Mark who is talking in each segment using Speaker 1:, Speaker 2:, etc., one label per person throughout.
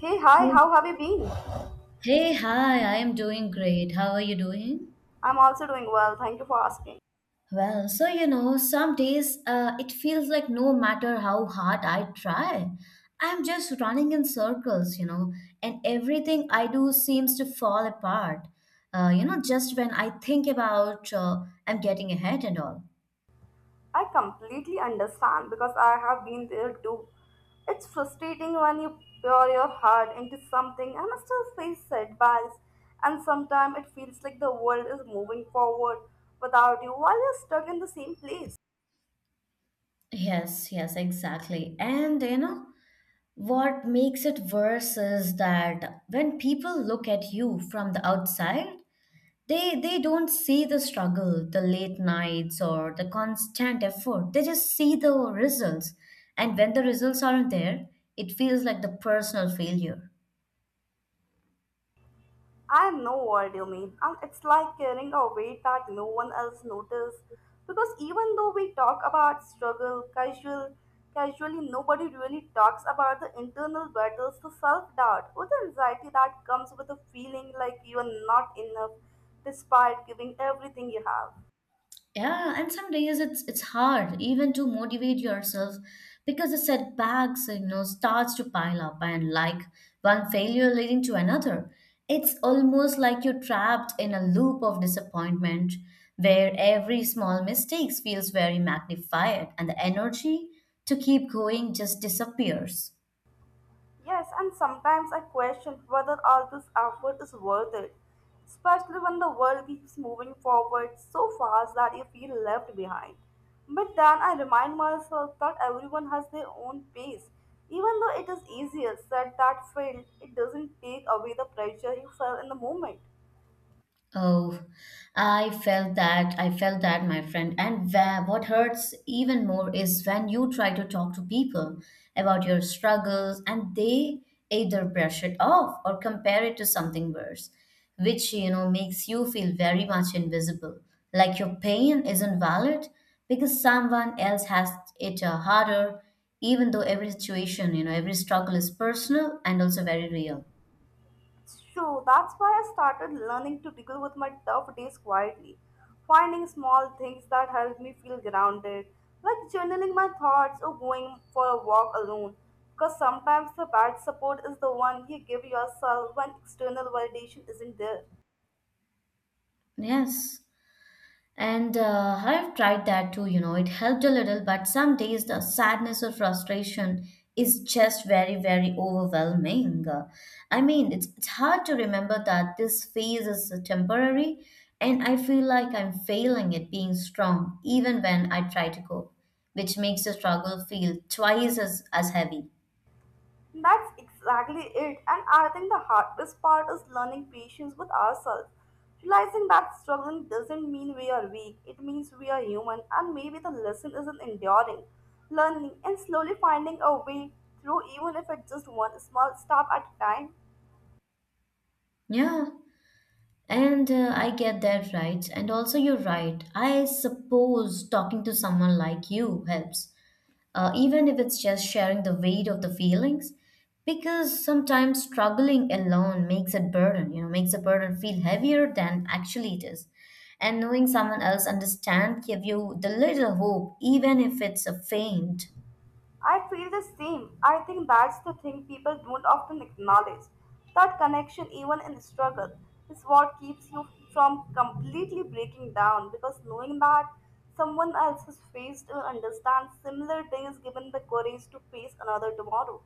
Speaker 1: Hey, hi,
Speaker 2: Hey,
Speaker 1: how have you been?
Speaker 2: Hey, hi, I am doing great. How are you doing?
Speaker 1: I'm also doing well, thank you for asking.
Speaker 2: Well, so you know, some days it feels like no matter how hard I try, I'm just running in circles, and everything I do seems to fall apart. Just when I think about I'm getting ahead and all.
Speaker 1: I completely understand because I have been there too. It's frustrating when you pour your heart into something and still face setbacks, and sometimes it feels like the world is moving forward without you while you're stuck in the same place.
Speaker 2: Yes, yes, exactly. And you know, what makes it worse is that when people look at you from the outside, they don't see the struggle, the late nights or the constant effort. They just see the results. And when the results aren't there, it feels like the personal failure.
Speaker 1: I know what you mean. And it's like carrying a weight that no one else notices. Because even though we talk about casually, nobody really talks about the internal battles, the self doubt, or the anxiety that comes with a feeling like you are not enough despite giving everything you have.
Speaker 2: Yeah, and some days it's hard even to motivate yourself because the setbacks, you know, starts to pile up and like one failure leading to another. It's almost like you're trapped in a loop of disappointment where every small mistake feels very magnified and the energy to keep going just disappears.
Speaker 1: Yes, and sometimes I question whether all this effort is worth it, especially when the world keeps moving forward so fast that you feel left behind. But then I remind myself that everyone has their own pace. Even though it is easier said than felt, it doesn't take away the pressure you felt in the moment.
Speaker 2: Oh, I felt that. I felt that, my friend. And what hurts even more is when you try to talk to people about your struggles and they either brush it off or compare it to something worse, which, you know, makes you feel very much invisible. Like your pain isn't valid because someone else has it harder, even though every situation, you know, every struggle is personal and also very real.
Speaker 1: It's true, that's why I started learning to deal with my tough days quietly, finding small things that help me feel grounded, like journaling my thoughts or going for a walk alone. Because sometimes the bad support is the one you give yourself when external validation isn't there.
Speaker 2: Yes. And I've tried that too, you know, it helped a little, but some days the sadness or frustration is just very, very overwhelming. I mean, it's hard to remember that this phase is temporary, and I feel like I'm failing at being strong even when I try to cope, which makes the struggle feel twice as heavy.
Speaker 1: That's exactly it. And I think the hardest part is learning patience with ourselves. Realizing that struggling doesn't mean we are weak, it means we are human, and maybe the lesson isn't enduring. Learning and slowly finding a way through, even if it's just one small step at a time.
Speaker 2: Yeah, and I get that right. And also, you're right. I suppose talking to someone like you helps even if it's just sharing the weight of the feelings because sometimes struggling alone makes it burden you know makes the burden feel heavier than actually it is and knowing someone else understand give you the little hope even if it's a faint.
Speaker 1: I feel the same. I think that's the thing people don't often acknowledge. That connection, even in struggle, is what keeps you from completely breaking down because knowing that someone else has faced or understands similar things given the courage to face another tomorrow.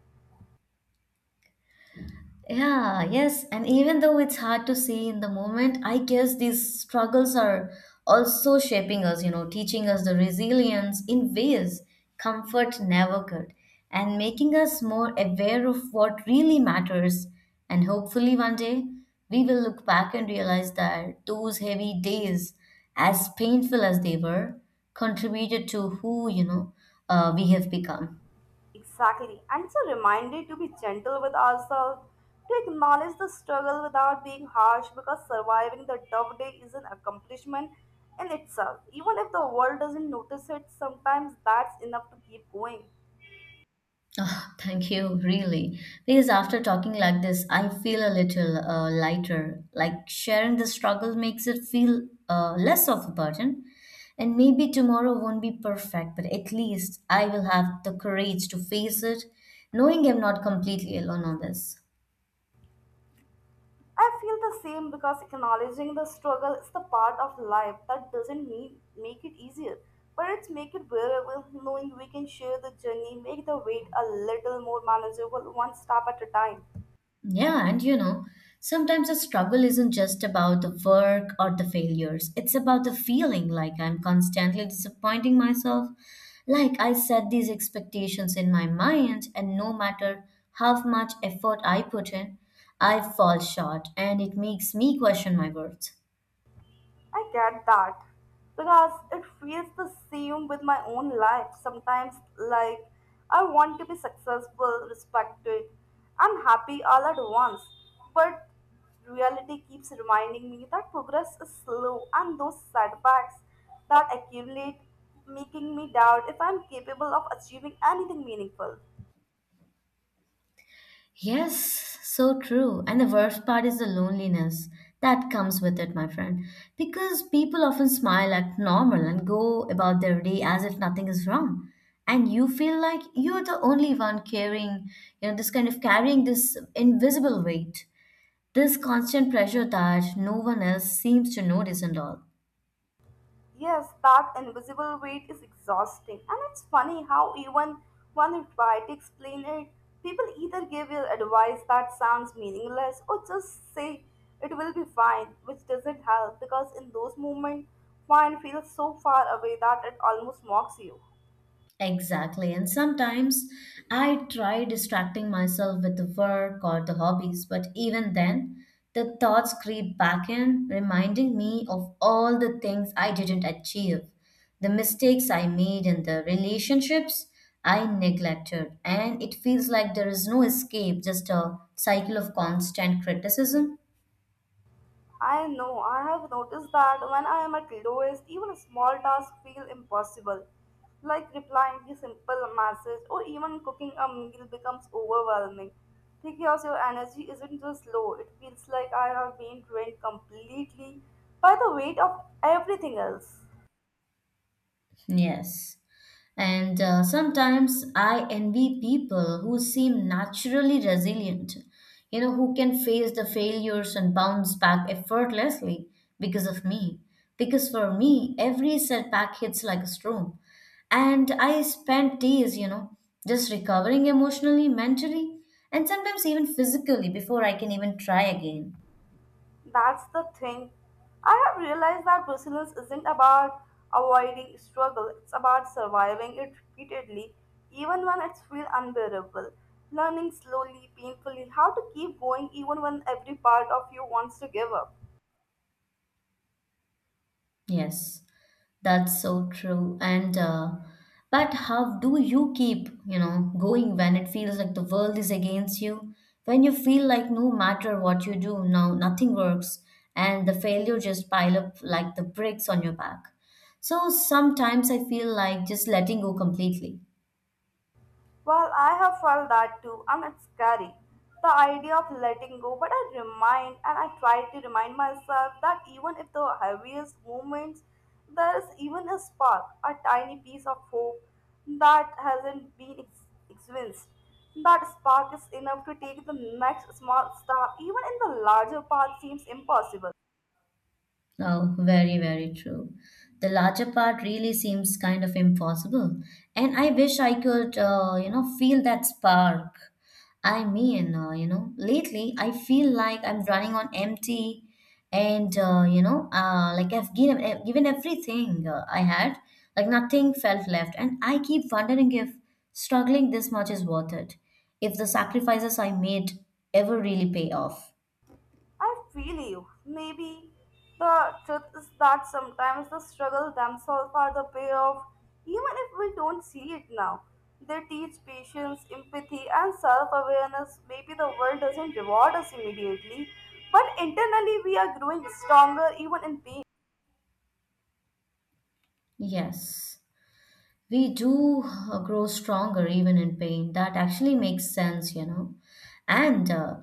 Speaker 2: Yeah, yes. And even though it's hard to see in the moment, I guess these struggles are also shaping us, you know, teaching us the resilience in ways comfort never could, and making us more aware of what really matters. And hopefully, one day, we will look back and realize that those heavy days, as painful as they were, contributed to who, we have become.
Speaker 1: Exactly. And it's a reminder to be gentle with ourselves, to acknowledge the struggle without being harsh, because surviving the tough day is an accomplishment in itself. Even if the world doesn't notice it, sometimes that's enough to keep going.
Speaker 2: Ah, thank you, really. Because after talking like this, I feel a little lighter. Like sharing the struggle makes it feel less of a burden. And maybe tomorrow won't be perfect, but at least I will have the courage to face it, knowing I'm not completely alone on this.
Speaker 1: I feel the same because acknowledging the struggle is the part of life that doesn't mean make it easier, but it's make it bearable knowing we can share the journey, make the wait a little more manageable one step at a time.
Speaker 2: Yeah, and you know, sometimes the struggle isn't just about the work or the failures. It's about the feeling like I'm constantly disappointing myself. Like I set these expectations in my mind, and no matter how much effort I put in, I fall short, and it makes me question my worth.
Speaker 1: I get that because it feels the same with my own life. Sometimes, like, I want to be successful, respected, and happy all at once, but reality keeps reminding me that progress is slow and those setbacks that accumulate, making me doubt if I'm capable of achieving anything meaningful.
Speaker 2: Yes, so true. And the worst part is the loneliness that comes with it, my friend. Because people often smile, act normal, and go about their day as if nothing is wrong. And you feel like you're the only one carrying, you know, this kind of carrying this invisible weight, this constant pressure that no one else seems to notice and all.
Speaker 1: Yes, that invisible weight is exhausting, and it's funny how even when you try to explain it, people either give you advice that sounds meaningless or just say it will be fine, which doesn't help because in those moments, fine feels so far away that it almost mocks you.
Speaker 2: Exactly. And sometimes I try distracting myself with the work or the hobbies, but even then, the thoughts creep back in, reminding me of all the things I didn't achieve, the mistakes I made, and the relationships I neglected. And it feels like there is no escape, just a cycle of constant criticism.
Speaker 1: I know, I have noticed that when I am at lowest, even small tasks feel impossible. Like replying to simple message or even cooking a meal becomes overwhelming. Because your energy isn't just low, it feels like I have been drained completely by the weight of everything else.
Speaker 2: Yes. And sometimes I envy people who seem naturally resilient, you know, who can face the failures and bounce back effortlessly because of me. Because for me, every setback hits like a storm. And I spent days, you know, just recovering emotionally, mentally, and sometimes even physically before I can even try again.
Speaker 1: That's the thing. I have realized that resilience isn't about avoiding struggle, it's about surviving it repeatedly, even when it feels unbearable. Learning slowly, painfully, how to keep going even when every part of you wants to give up.
Speaker 2: Yes. That's so true. And but how do you keep, you know, going when it feels like the world is against you? When you feel like no matter what you do, no nothing works, and the failure just pile up like the bricks on your back. So sometimes I feel like just letting go completely.
Speaker 1: Well, I have felt that too, and it's scary. The idea of letting go, but I remind and I try to remind myself that even if the heaviest moments, there is even a spark, a tiny piece of hope that hasn't been experienced. That spark is enough to take the next small step, even in the larger path seems impossible.
Speaker 2: Oh, very, very true. The larger part really seems kind of impossible. And I wish I could, feel that spark. I mean, you know, lately I feel like I'm running on empty and, like I've given everything I had, like nothing felt left. And I keep wondering if struggling this much is worth it, if the sacrifices I made ever really pay off.
Speaker 1: I feel you. Maybe the truth is that sometimes the struggle themselves are the payoff, even if we don't see it now. They teach patience, empathy, and self awareness. Maybe the world doesn't reward us immediately, but internally we are growing stronger even in pain.
Speaker 2: Yes, we do grow stronger even in pain. That actually makes sense, you know. And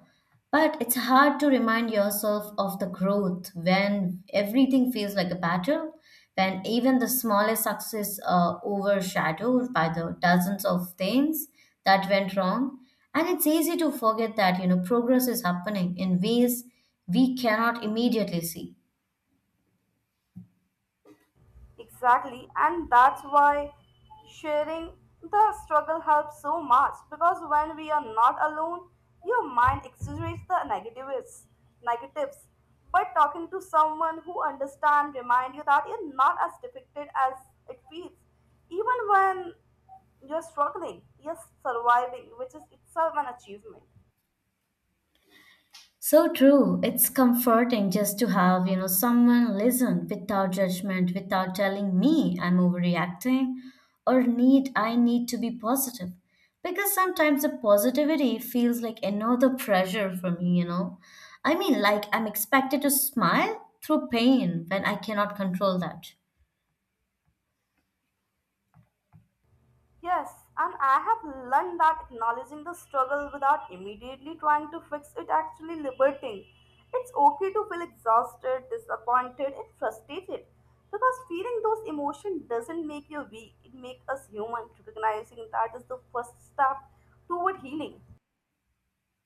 Speaker 2: but it's hard to remind yourself of the growth when everything feels like a battle, when even the smallest success are overshadowed by the dozens of things that went wrong. And it's easy to forget that, you know, progress is happening in ways we cannot immediately see.
Speaker 1: Exactly, and that's why sharing the struggle helps so much because when we are not alone, your mind exaggerates the negatives. But talking to someone who understands remind you that you're not as depicted as it feels, even when you're struggling, you're surviving, which is itself an achievement.
Speaker 2: So true. It's comforting just to have, you know, someone listen without judgment, without telling me I'm overreacting or need I need to be positive. Because sometimes the positivity feels like another pressure for me, you know. I mean, like I'm expected to smile through pain when I cannot control that.
Speaker 1: Yes, and I have learned that acknowledging the struggle without immediately trying to fix it actually liberating. It's okay to feel exhausted, disappointed, and frustrated because feeling those emotions doesn't make you weak, it makes us human. Recognizing that is the first step toward healing.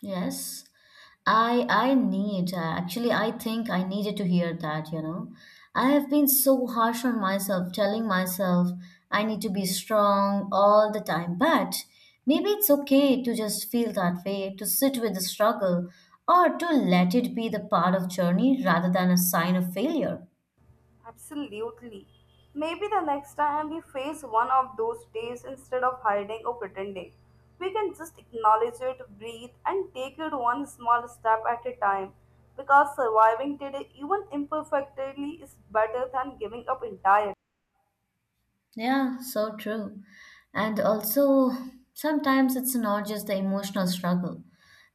Speaker 2: Yes, I need actually I think I needed to hear that, you know. I have been so harsh on myself, telling myself I need to be strong all the time, but maybe it's okay to just feel that way, to sit with the struggle, or to let it be the part of journey rather than a sign of failure.
Speaker 1: Absolutely. Maybe the next time we face one of those days, instead of hiding or pretending, we can just acknowledge it, breathe, and take it one small step at a time. Because surviving today, even imperfectly, is better than giving up entirely.
Speaker 2: Yeah, so true. And also, sometimes it's not just the emotional struggle.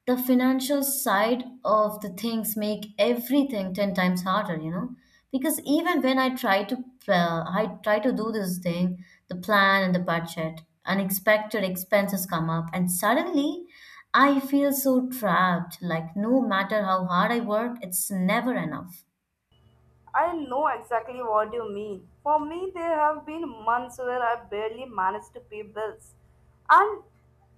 Speaker 2: The financial side of the things make everything 10 times harder, you know? Because even when I try to do this thing, the plan and the budget, unexpected expenses come up and suddenly I feel so trapped, like no matter how hard I work, it's never enough.
Speaker 1: I know exactly what you mean. For me, there have been months where I barely managed to pay bills. And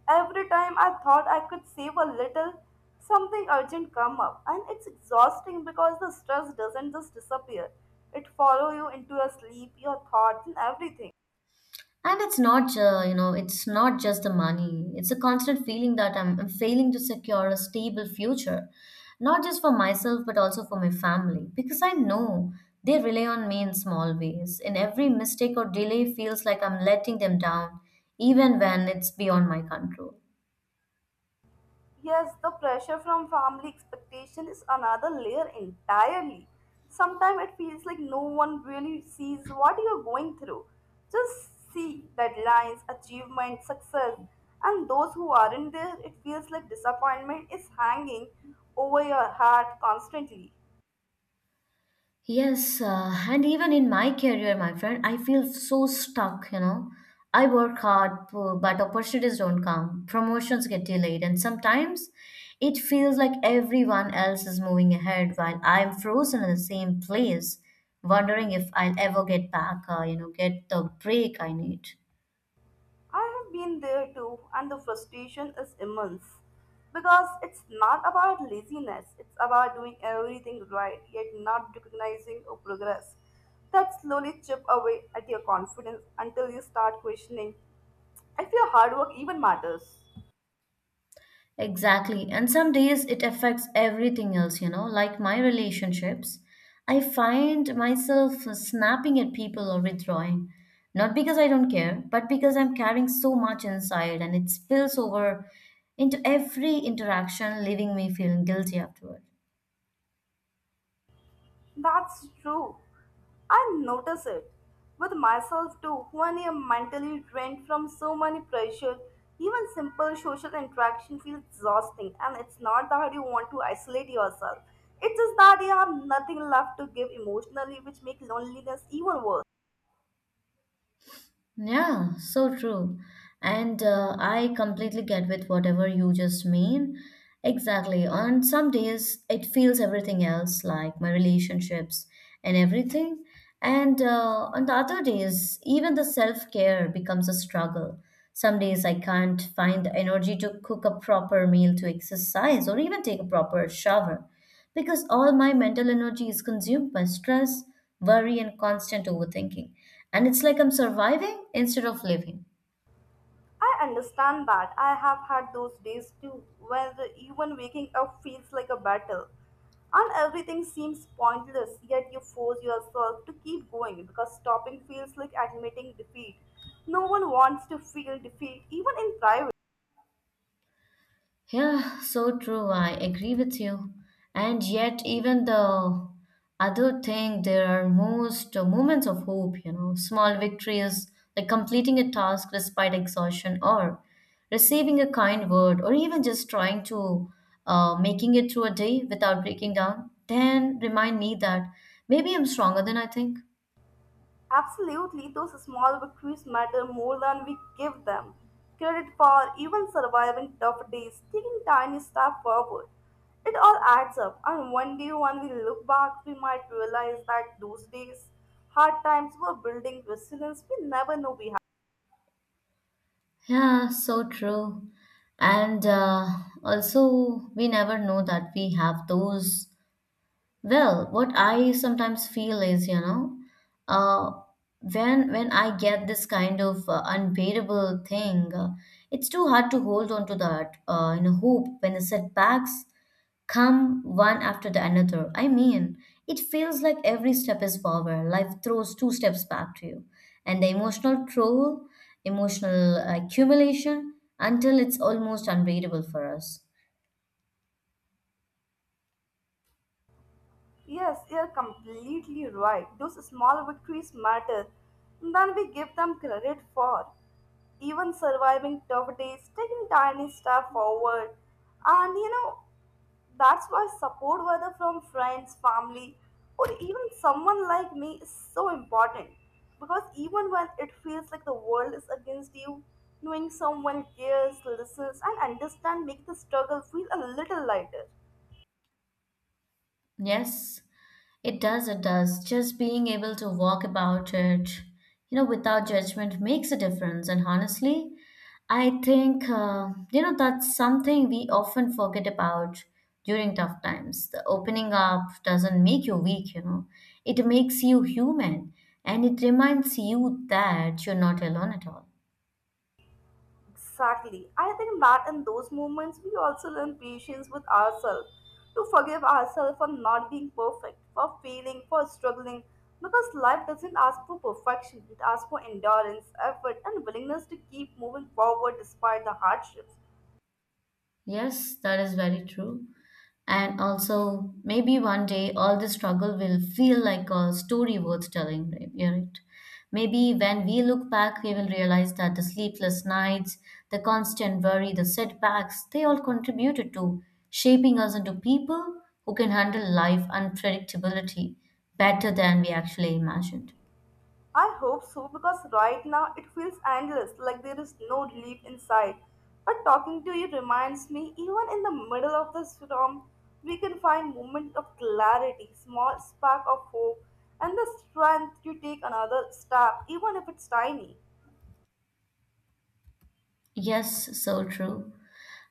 Speaker 1: every time I thought I could save a little, something urgent come up. And it's exhausting because the stress doesn't just disappear. It follows you into your sleep, your thoughts and everything.
Speaker 2: And it's not, it's not just the money. It's a constant feeling that I'm failing to secure a stable future, not just for myself, but also for my family, because I know they rely on me in small ways. And every mistake or delay feels like I'm letting them down, even when it's beyond my control.
Speaker 1: Yes, the pressure from family expectation is another layer entirely. Sometimes it feels like no one really sees what you're going through. Just see deadlines, achievements, success, and those who aren't there, it feels like disappointment is hanging over your head constantly.
Speaker 2: Yes, and even in my career, my friend, I feel so stuck, you know. I work hard, but opportunities don't come. Promotions get delayed, and sometimes it feels like everyone else is moving ahead while I'm frozen in the same place, wondering if I'll ever get back, get the break I need.
Speaker 1: I have been there too, and the frustration is immense because it's not about laziness, it's about doing everything right yet not recognizing your progress. That slowly chip away at your confidence until you start questioning if your hard work even matters.
Speaker 2: Exactly. And some days it affects everything else, you know, like my relationships. I find myself snapping at people or withdrawing, not because I don't care, but because I'm carrying so much inside and it spills over into every interaction, leaving me feeling guilty afterward.
Speaker 1: That's true. I notice it with myself too when I'm mentally drained from so many pressure. Even simple social interaction feels exhausting, and it's not that you want to isolate yourself. It's just that you have nothing left to give emotionally, which makes loneliness even worse.
Speaker 2: Yeah, so true. And I completely get with whatever you just mean. Exactly. On some days, it feels everything else, like my relationships and everything. And on the other days, even the self care becomes a struggle. Some days I can't find the energy to cook a proper meal, to exercise, or even take a proper shower because all my mental energy is consumed by stress, worry, and constant overthinking. And it's like I'm surviving instead of living.
Speaker 1: I understand that. I have had those days too, where even waking up feels like a battle. And everything seems pointless, yet you force yourself to keep going because stopping feels like admitting defeat. No one wants to feel defeat, even in private.
Speaker 2: Yeah, so true. I agree with you. And yet, even the other thing, there are most moments of hope, you know, small victories like completing a task despite exhaustion or receiving a kind word or even just trying to making it through a day without breaking down, then remind me that maybe I'm stronger than I think.
Speaker 1: Absolutely, those small victories matter more than we give them credit for, even surviving tough days, taking tiny steps forward. It all adds up, and one day when we look back, we might realize that those days, hard times, were building resilience we never knew we had.
Speaker 2: Yeah, so true. And also, we never know that we have those. Well, what I sometimes feel is, uh, when I get this kind of unbearable thing, it's too hard to hold on to that in a hope when the setbacks come one after the another. I mean, it feels like every step is forward. Life throws two steps back to you, and the emotional toll, emotional accumulation, until it's almost unbearable for us.
Speaker 1: Yes, you're completely right. Those small victories matter than we give them credit for even surviving tough days, taking tiny steps forward, and you know, that's why support, whether from friends, family, or even someone like me, is so important. Because even when it feels like the world is against you, knowing someone cares, listens, and understands make the struggle feel a little lighter.
Speaker 2: Yes. It does, it does. Just being able to walk about it, you know, without judgment makes a difference. And honestly, I think, that's something we often forget about during tough times. The opening up doesn't make you weak, you know, it makes you human and it reminds you that you're not alone at all.
Speaker 1: Exactly. I think that in those moments, we also learn patience with ourselves, to forgive ourselves for not being perfect, for failing, for struggling, because life doesn't ask for perfection, it asks for endurance, effort, and willingness to keep moving forward despite the hardships.
Speaker 2: Yes, that is very true. And also, maybe one day all the struggle will feel like a story worth telling, right? Yeah, right. Maybe when we look back, we will realize that the sleepless nights, the constant worry, the setbacks, they all contributed to shaping us into people who can handle life unpredictability better than we actually imagined.
Speaker 1: I hope so because right now it feels endless, like there is no relief in sight. But talking to you reminds me, even in the middle of the storm, we can find moment of clarity, small spark of hope, and the strength to take another step, even if it's tiny.
Speaker 2: Yes, so true.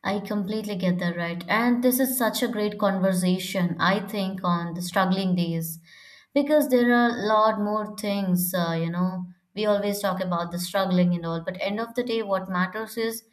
Speaker 2: I completely get that right. And this is such a great conversation, I think, on the struggling days because there are a lot more things, We always talk about the struggling and all, but end of the day, what matters is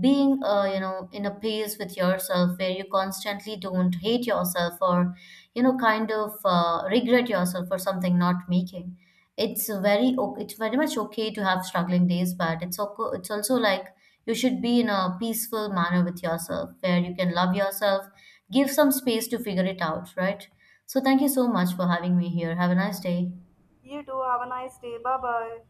Speaker 2: being, in a pace with yourself where you constantly don't hate yourself or, you know, kind of regret yourself for something not making. It's very, it's very much okay to have struggling days, but it's okay, it's also like you should be in a peaceful manner with yourself where you can love yourself, give some space to figure it out, right? So, thank you so much for having me here. Have a nice day.
Speaker 1: You too. Have a nice day. Bye bye.